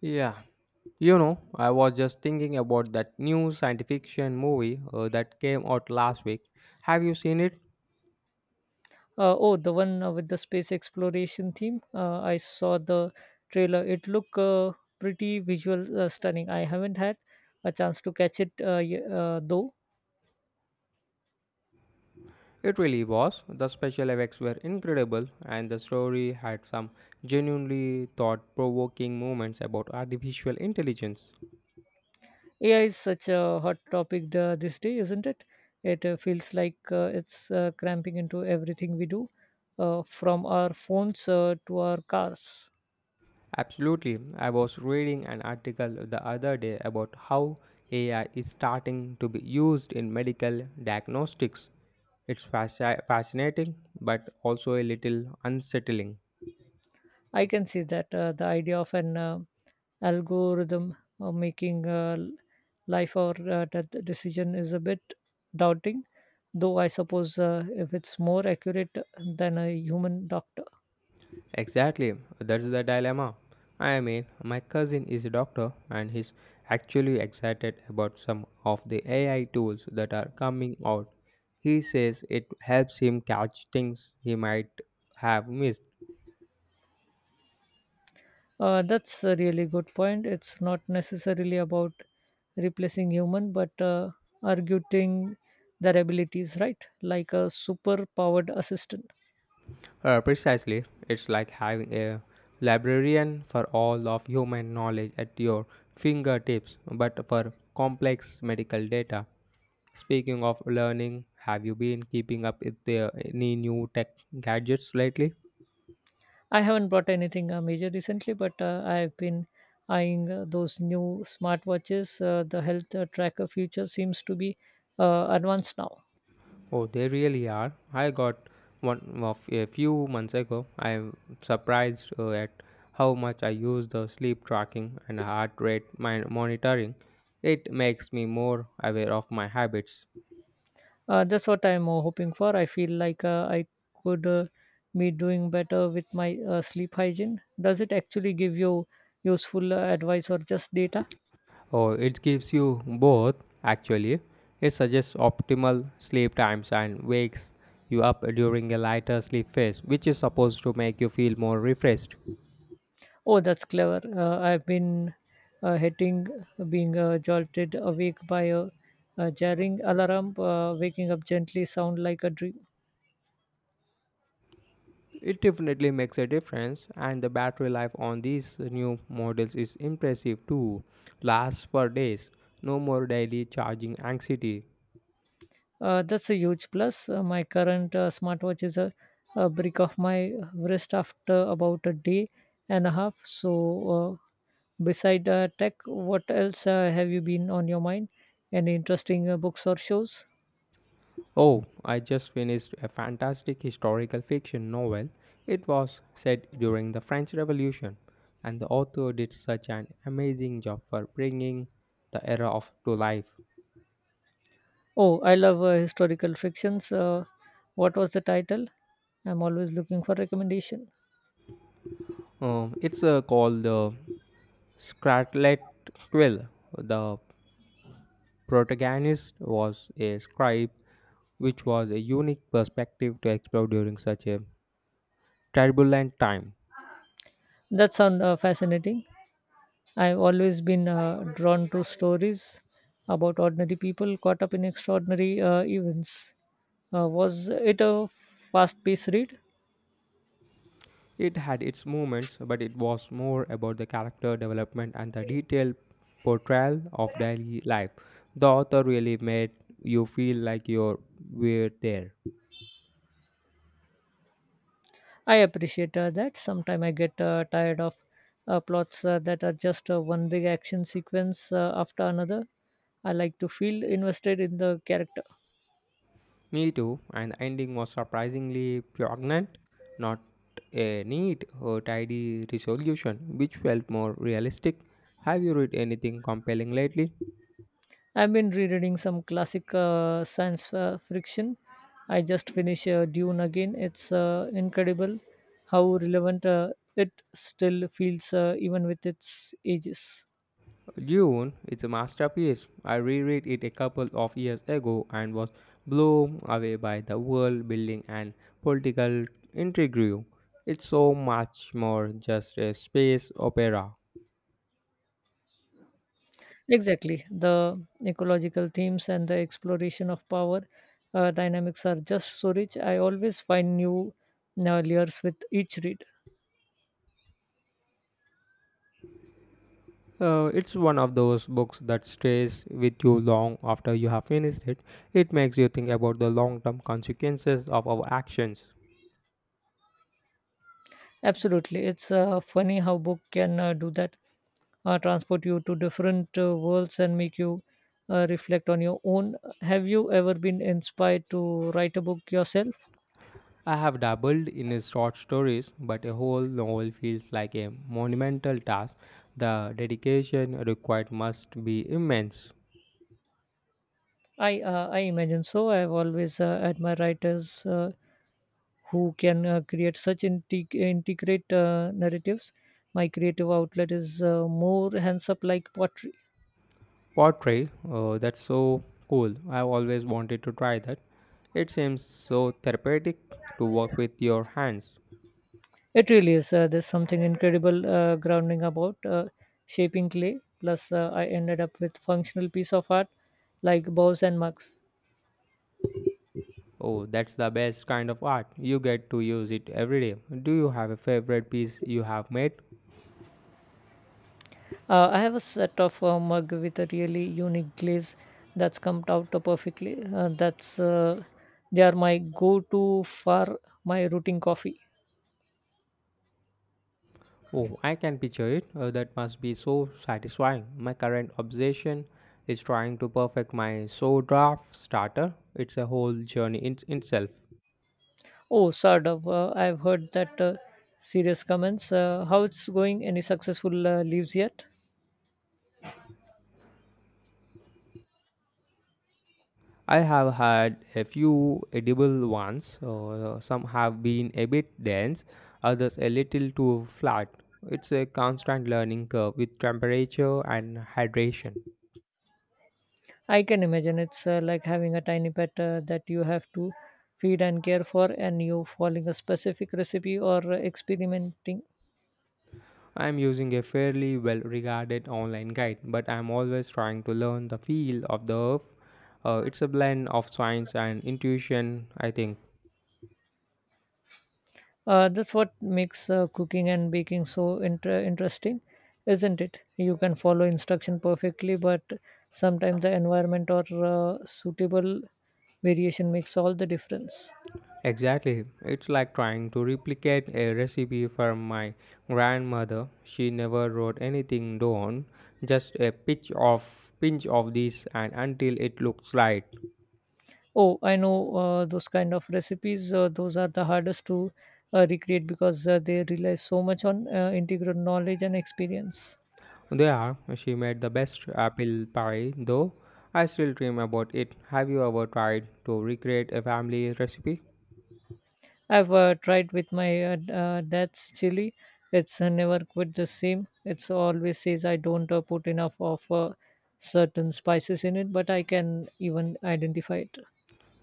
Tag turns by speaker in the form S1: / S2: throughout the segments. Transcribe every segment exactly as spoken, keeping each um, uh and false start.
S1: Yeah. You know, I was just thinking about that new science fiction movie uh, that came out last week. Have you seen it?
S2: Uh, oh, the one uh, with the space exploration theme. Uh, I saw the trailer. It looked uh, pretty visual, uh, stunning. I haven't had a chance to catch it uh, y- uh, though.
S1: It really was. The special effects were incredible, and the story had some genuinely thought provoking moments about artificial intelligence.
S2: A I is such a hot topic the, this day, isn't it? It uh, feels like uh, it's uh, cramping into everything we do, uh, from our phones uh, to our cars.
S1: Absolutely. I was reading an article the other day about how A I is starting to be used in medical diagnostics. It's fasci- fascinating, but also a little unsettling.
S2: I can see that uh, the idea of an uh, algorithm uh, making uh, l- life or uh, death decision is a bit doubting, though I suppose uh, if it's more accurate than a human doctor.
S1: Exactly, that's the dilemma. I mean, my cousin is a doctor and he's actually excited about some of the A I tools that are coming out. He says it helps him catch things he might have missed.
S2: Uh, that's a really good point. It's not necessarily about replacing human but uh, arguing their abilities, right? Like a super powered assistant.
S1: Uh, precisely, it's like having a librarian for all of human knowledge at your fingertips, but for complex medical data. Speaking of learning, have you been keeping up with the, any new tech gadgets lately?
S2: I haven't bought anything uh, major recently, but uh, I've been eyeing uh, those new smartwatches. Uh, the health uh, tracker feature seems to be uh, advanced now.
S1: Oh, they really are. I got one of a few months ago. I'm surprised uh, at how much I use the sleep tracking and heart rate min- monitoring. It makes me more aware of my habits.
S2: Uh, that's what I'm uh, hoping for. I feel like uh, I could uh, be doing better with my uh, sleep hygiene. Does it actually give you useful uh, advice or just data?
S1: Oh, it gives you both, actually. It suggests optimal sleep times and wakes you up during a lighter sleep phase, which is supposed to make you feel more refreshed.
S2: Oh, that's clever. Uh, I've been uh, hating being uh, jolted awake by a, a jarring alarm. Uh, waking up gently sound like a dream.
S1: It definitely makes a difference, and the battery life on these new models is impressive too. Lasts for days, no more daily charging anxiety.
S2: Uh, that's a huge plus. Uh, my current uh, smartwatch is a, a brick of my wrist after about a day and a half. So, uh, beside uh, tech, what else uh, have you been on your mind? Any interesting uh, books or shows?
S1: Oh, I just finished a fantastic historical fiction novel. It was set during the French Revolution, and the author did such an amazing job for bringing the era of to life.
S2: Oh, I love uh, historical fictions. Uh, what was the title? I'm always looking for recommendation.
S1: Um, it's uh, called the Scarlet Quill. The protagonist was a scribe, which was a unique perspective to explore during such a turbulent time.
S2: That sounds uh, fascinating. I've always been uh, drawn to stories about ordinary people caught up in extraordinary uh, events. Uh, was it a fast paced read?
S1: It had its moments, but it was more about the character development and the detailed portrayal of daily life. The author really made you feel like you were there.
S2: I appreciate uh, that. Sometimes I get uh, tired of uh, plots uh, that are just uh, one big action sequence uh, after another. I like to feel invested in the character.
S1: Me too, and the ending was surprisingly poignant, not a neat or tidy resolution, which felt more realistic. Have you read anything compelling lately?
S2: I've been rereading some classic uh, science uh, fiction. I just finished uh, Dune again. It's uh, incredible how relevant uh, it still feels, uh, even with its ages.
S1: Dune is a masterpiece. I reread it a couple of years ago and was blown away by the world building and political intrigue. It's so much more just a space opera.
S2: Exactly. The ecological themes and the exploration of power uh, dynamics are just so rich. I always find new uh, layers with each read.
S1: Uh, it's one of those books that stays with you long after you have finished it. It makes you think about the long term consequences of our actions.
S2: Absolutely. It's uh, funny how book can uh, do that, uh, transport you to different uh, worlds and make you uh, reflect on your own. Have you ever been inspired to write a book yourself?
S1: I have dabbled in short stories, but a whole novel feels like a monumental task. The dedication required must be immense.
S2: I uh, I imagine so. I've always uh, admired writers uh, who can uh, create such integ- integrate uh, narratives. My creative outlet is uh, more hands up like pottery.
S1: Pottery, oh, that's so cool. I've always wanted to try that. It seems so therapeutic to work with your hands.
S2: It really is. Uh, there's something incredible uh, grounding about uh, shaping clay. Plus, uh, I ended up with functional piece of art like bows and mugs.
S1: Oh, that's the best kind of art. You get to use it every day. Do you have a favorite piece you have made?
S2: Uh, I have a set of uh, mug with a really unique glaze that's come out perfectly. Uh, that's uh, they are my go-to for my rooting coffee.
S1: Oh, I can picture it. Uh, that must be so satisfying. My current obsession is trying to perfect my so draft starter. It's a whole journey in itself.
S2: Oh, Sardav, uh, I've heard that uh, serious comments. Uh, how it's going? Any successful uh, leaves yet?
S1: I have had a few edible ones. Uh, some have been a bit dense, others a little too flat. It's a constant learning curve with temperature and hydration.
S2: I can imagine it's uh, like having a tiny pet uh, that you have to feed and care for, and you following a specific recipe or uh, experimenting.
S1: I'm using a fairly well regarded online guide, but I'm always trying to learn the feel of the earth. Uh, it's a blend of science and intuition, I think.
S2: Uh, that's what makes uh, cooking and baking so inter- interesting, isn't it? You can follow instruction perfectly, but sometimes the environment or uh, suitable variation makes all the difference.
S1: Exactly. It's like trying to replicate a recipe from my grandmother. She never wrote anything down, just a pinch of pinch of this and until it looks right.
S2: Oh, I know uh, those kind of recipes. Uh, those are the hardest to uh, recreate because uh, they rely so much on uh, integral knowledge and experience.
S1: There, she made the best apple pie though. I still dream about it. Have you ever tried to recreate a family recipe?
S2: I've uh, tried with my uh, d- uh, dad's chili. It's uh, never quite the same. It's always says I don't uh, put enough of uh, certain spices in it, but I can even identify it.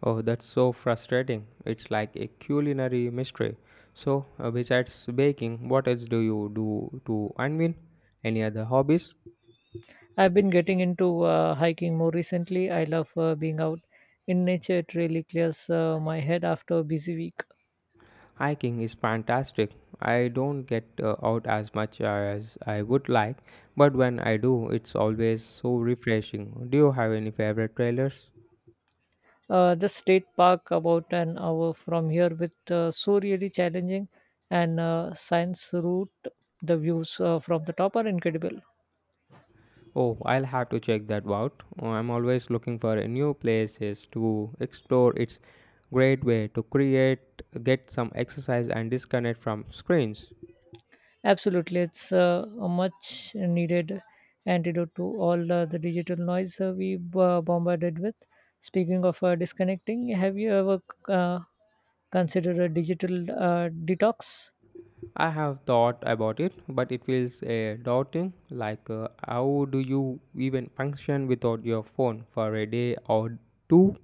S1: Oh, that's so frustrating. It's like a culinary mystery. So, uh, besides baking, what else do you do to unwind? Any other hobbies?
S2: I've been getting into uh, hiking more recently. I love uh, being out in nature. It really clears uh, my head after a busy week.
S1: Hiking is fantastic. I don't get uh, out as much as I would like, but when I do, it's always so refreshing. Do you have any favorite trailers?
S2: Uh, the state park about an hour from here with uh, so really challenging and uh, science route. The views uh, from the top are incredible.
S1: Oh, I'll have to check that out. Uh, I'm always looking for uh, new places to explore. It's great way to create, get some exercise and disconnect from screens.
S2: Absolutely, it's uh, a much needed antidote to all uh, the digital noise uh, we uh, bombarded with. Speaking of uh, disconnecting, have you ever uh, considered a digital uh, detox?
S1: I have thought about it, but it feels uh, daunting. Like uh, how do you even function without your phone for a day or two?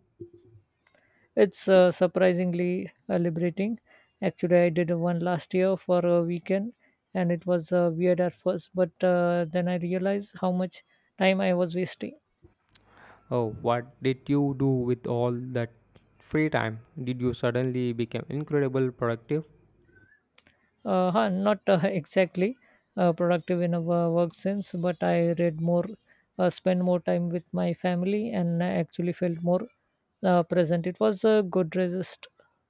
S2: It's uh, surprisingly uh, liberating. Actually, I did one last year for a weekend and it was uh, weird at first, but uh, then I realized how much time I was wasting.
S1: Oh, what did you do with all that free time? Did you suddenly become incredibly productive?
S2: Uh, huh, not uh, exactly uh, productive in a wo- work sense, but I read more, uh, spent more time with my family, and I actually felt more uh, present. It was a good resist,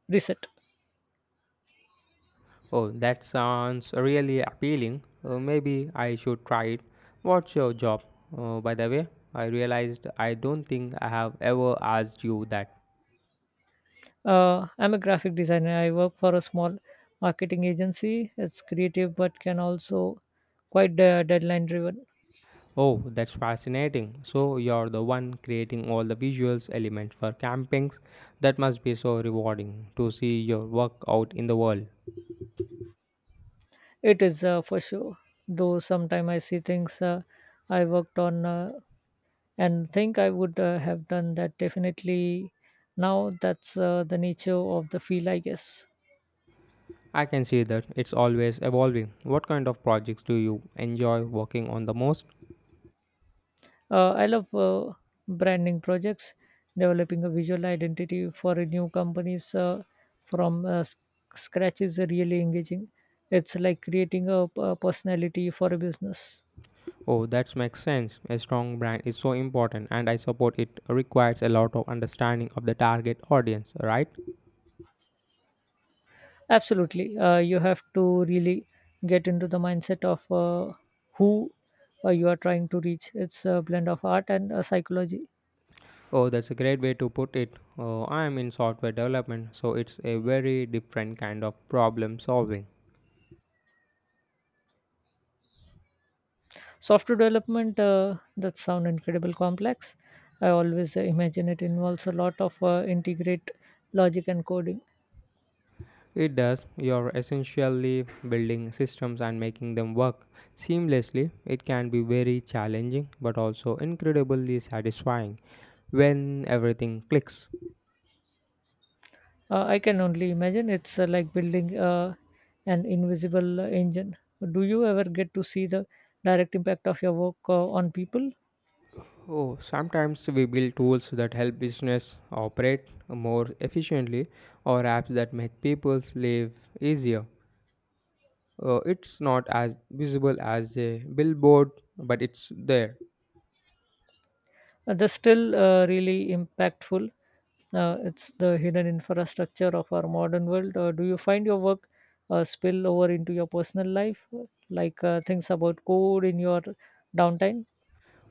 S2: reset.
S1: Oh, that sounds really appealing. Uh, maybe I should try it. What's your job? Uh, by the way, I realized I don't think I have ever asked you that.
S2: Uh, I'm a graphic designer. I work for a small marketing agency. It's creative but can also quite uh, deadline driven.
S1: Oh, that's fascinating. So, you're the one creating all the visuals elements for campings. That must be so rewarding to see your work out in the world.
S2: It is uh, for sure. Though sometimes I see things uh, I worked on uh, and think I would uh, have done that definitely now. That's uh, the nature of the field, I guess.
S1: I can see that it's always evolving. What kind of projects do you enjoy working on the most?
S2: Uh, I love uh, branding projects, developing a visual identity for a new companies uh, from uh, s- scratch is really engaging. It's like creating a a personality for a business.
S1: Oh, that makes sense. A strong brand is so important, and I support it requires a lot of understanding of the target audience, right?
S2: Absolutely, uh, you have to really get into the mindset of uh, who uh, you are trying to reach. It's a blend of art and uh, psychology.
S1: Oh, that's a great way to put it. Oh, I am in software development, so it's a very different kind of problem solving.
S2: Software development, uh, that sound incredible complex. I always uh, imagine it involves a lot of uh, integrate logic and coding.
S1: It does, you're essentially building systems and making them work seamlessly. It can be very challenging, but also incredibly satisfying when everything clicks.
S2: Uh, I can only imagine it's uh, like building uh, an invisible uh, engine. Do you ever get to see the direct impact of your work uh, on people?
S1: Oh, sometimes we build tools that help business operate more efficiently or apps that make people's life easier. Uh, it's not as visible as a billboard, but it's there.
S2: Uh, that's still uh, really impactful. Uh, it's the hidden infrastructure of our modern world. Uh, do you find your work uh, spill over into your personal life, like uh, things about code in your downtime?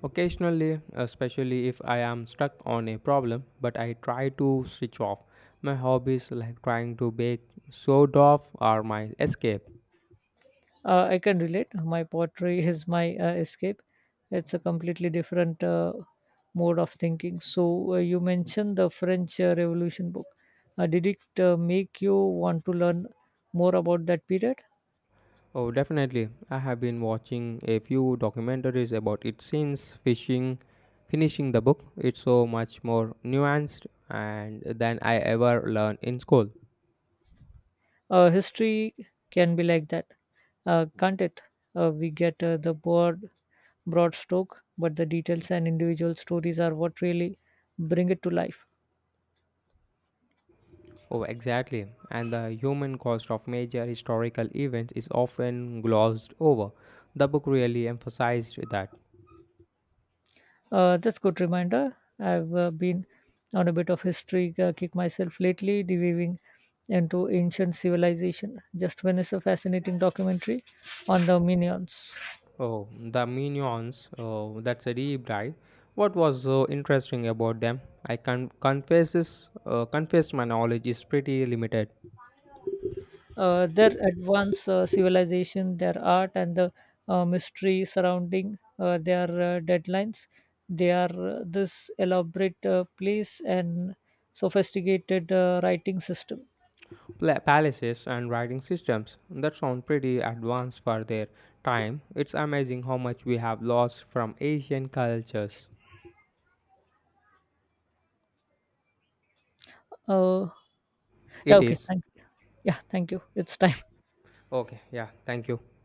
S1: Occasionally, especially if I am stuck on a problem, but I try to switch off. My hobbies like trying to bake sourdough are my escape.
S2: Uh, I can relate. My pottery is my uh, escape. It's a completely different uh, mode of thinking. So, uh, you mentioned the French uh, Revolution book. Uh, did it uh, make you want to learn more about that period?
S1: Oh, definitely. I have been watching a few documentaries about it since fishing, finishing the book. It's so much more nuanced and than I ever learned in school.
S2: Uh, history can be like that, uh, can't it? Uh, we get uh, the broad, broad stroke, but the details and individual stories are what really bring it to life.
S1: Oh, exactly. And the human cost of major historical events is often glossed over. The book really emphasized that.
S2: Uh, that's good reminder. I've uh, been on a bit of history uh, kick myself lately, diving into ancient civilization. Just finished a fascinating documentary on the Minions.
S1: Oh, the minions. Oh, that's a deep dive. What was so interesting about them? I can confess this. Uh, confess my knowledge is pretty limited.
S2: Uh, their advanced uh, civilization, their art, and the uh, mystery surrounding uh, their uh, deadlines. They are uh, this elaborate uh, place and sophisticated uh, writing system.
S1: Pla- palaces and writing systems that sound pretty advanced for their time. It's amazing how much we have lost from Asian cultures.
S2: Uh, yeah,
S1: It
S2: okay,
S1: is.
S2: thank you. Yeah, thank you. It's time.
S1: Okay, yeah, thank you.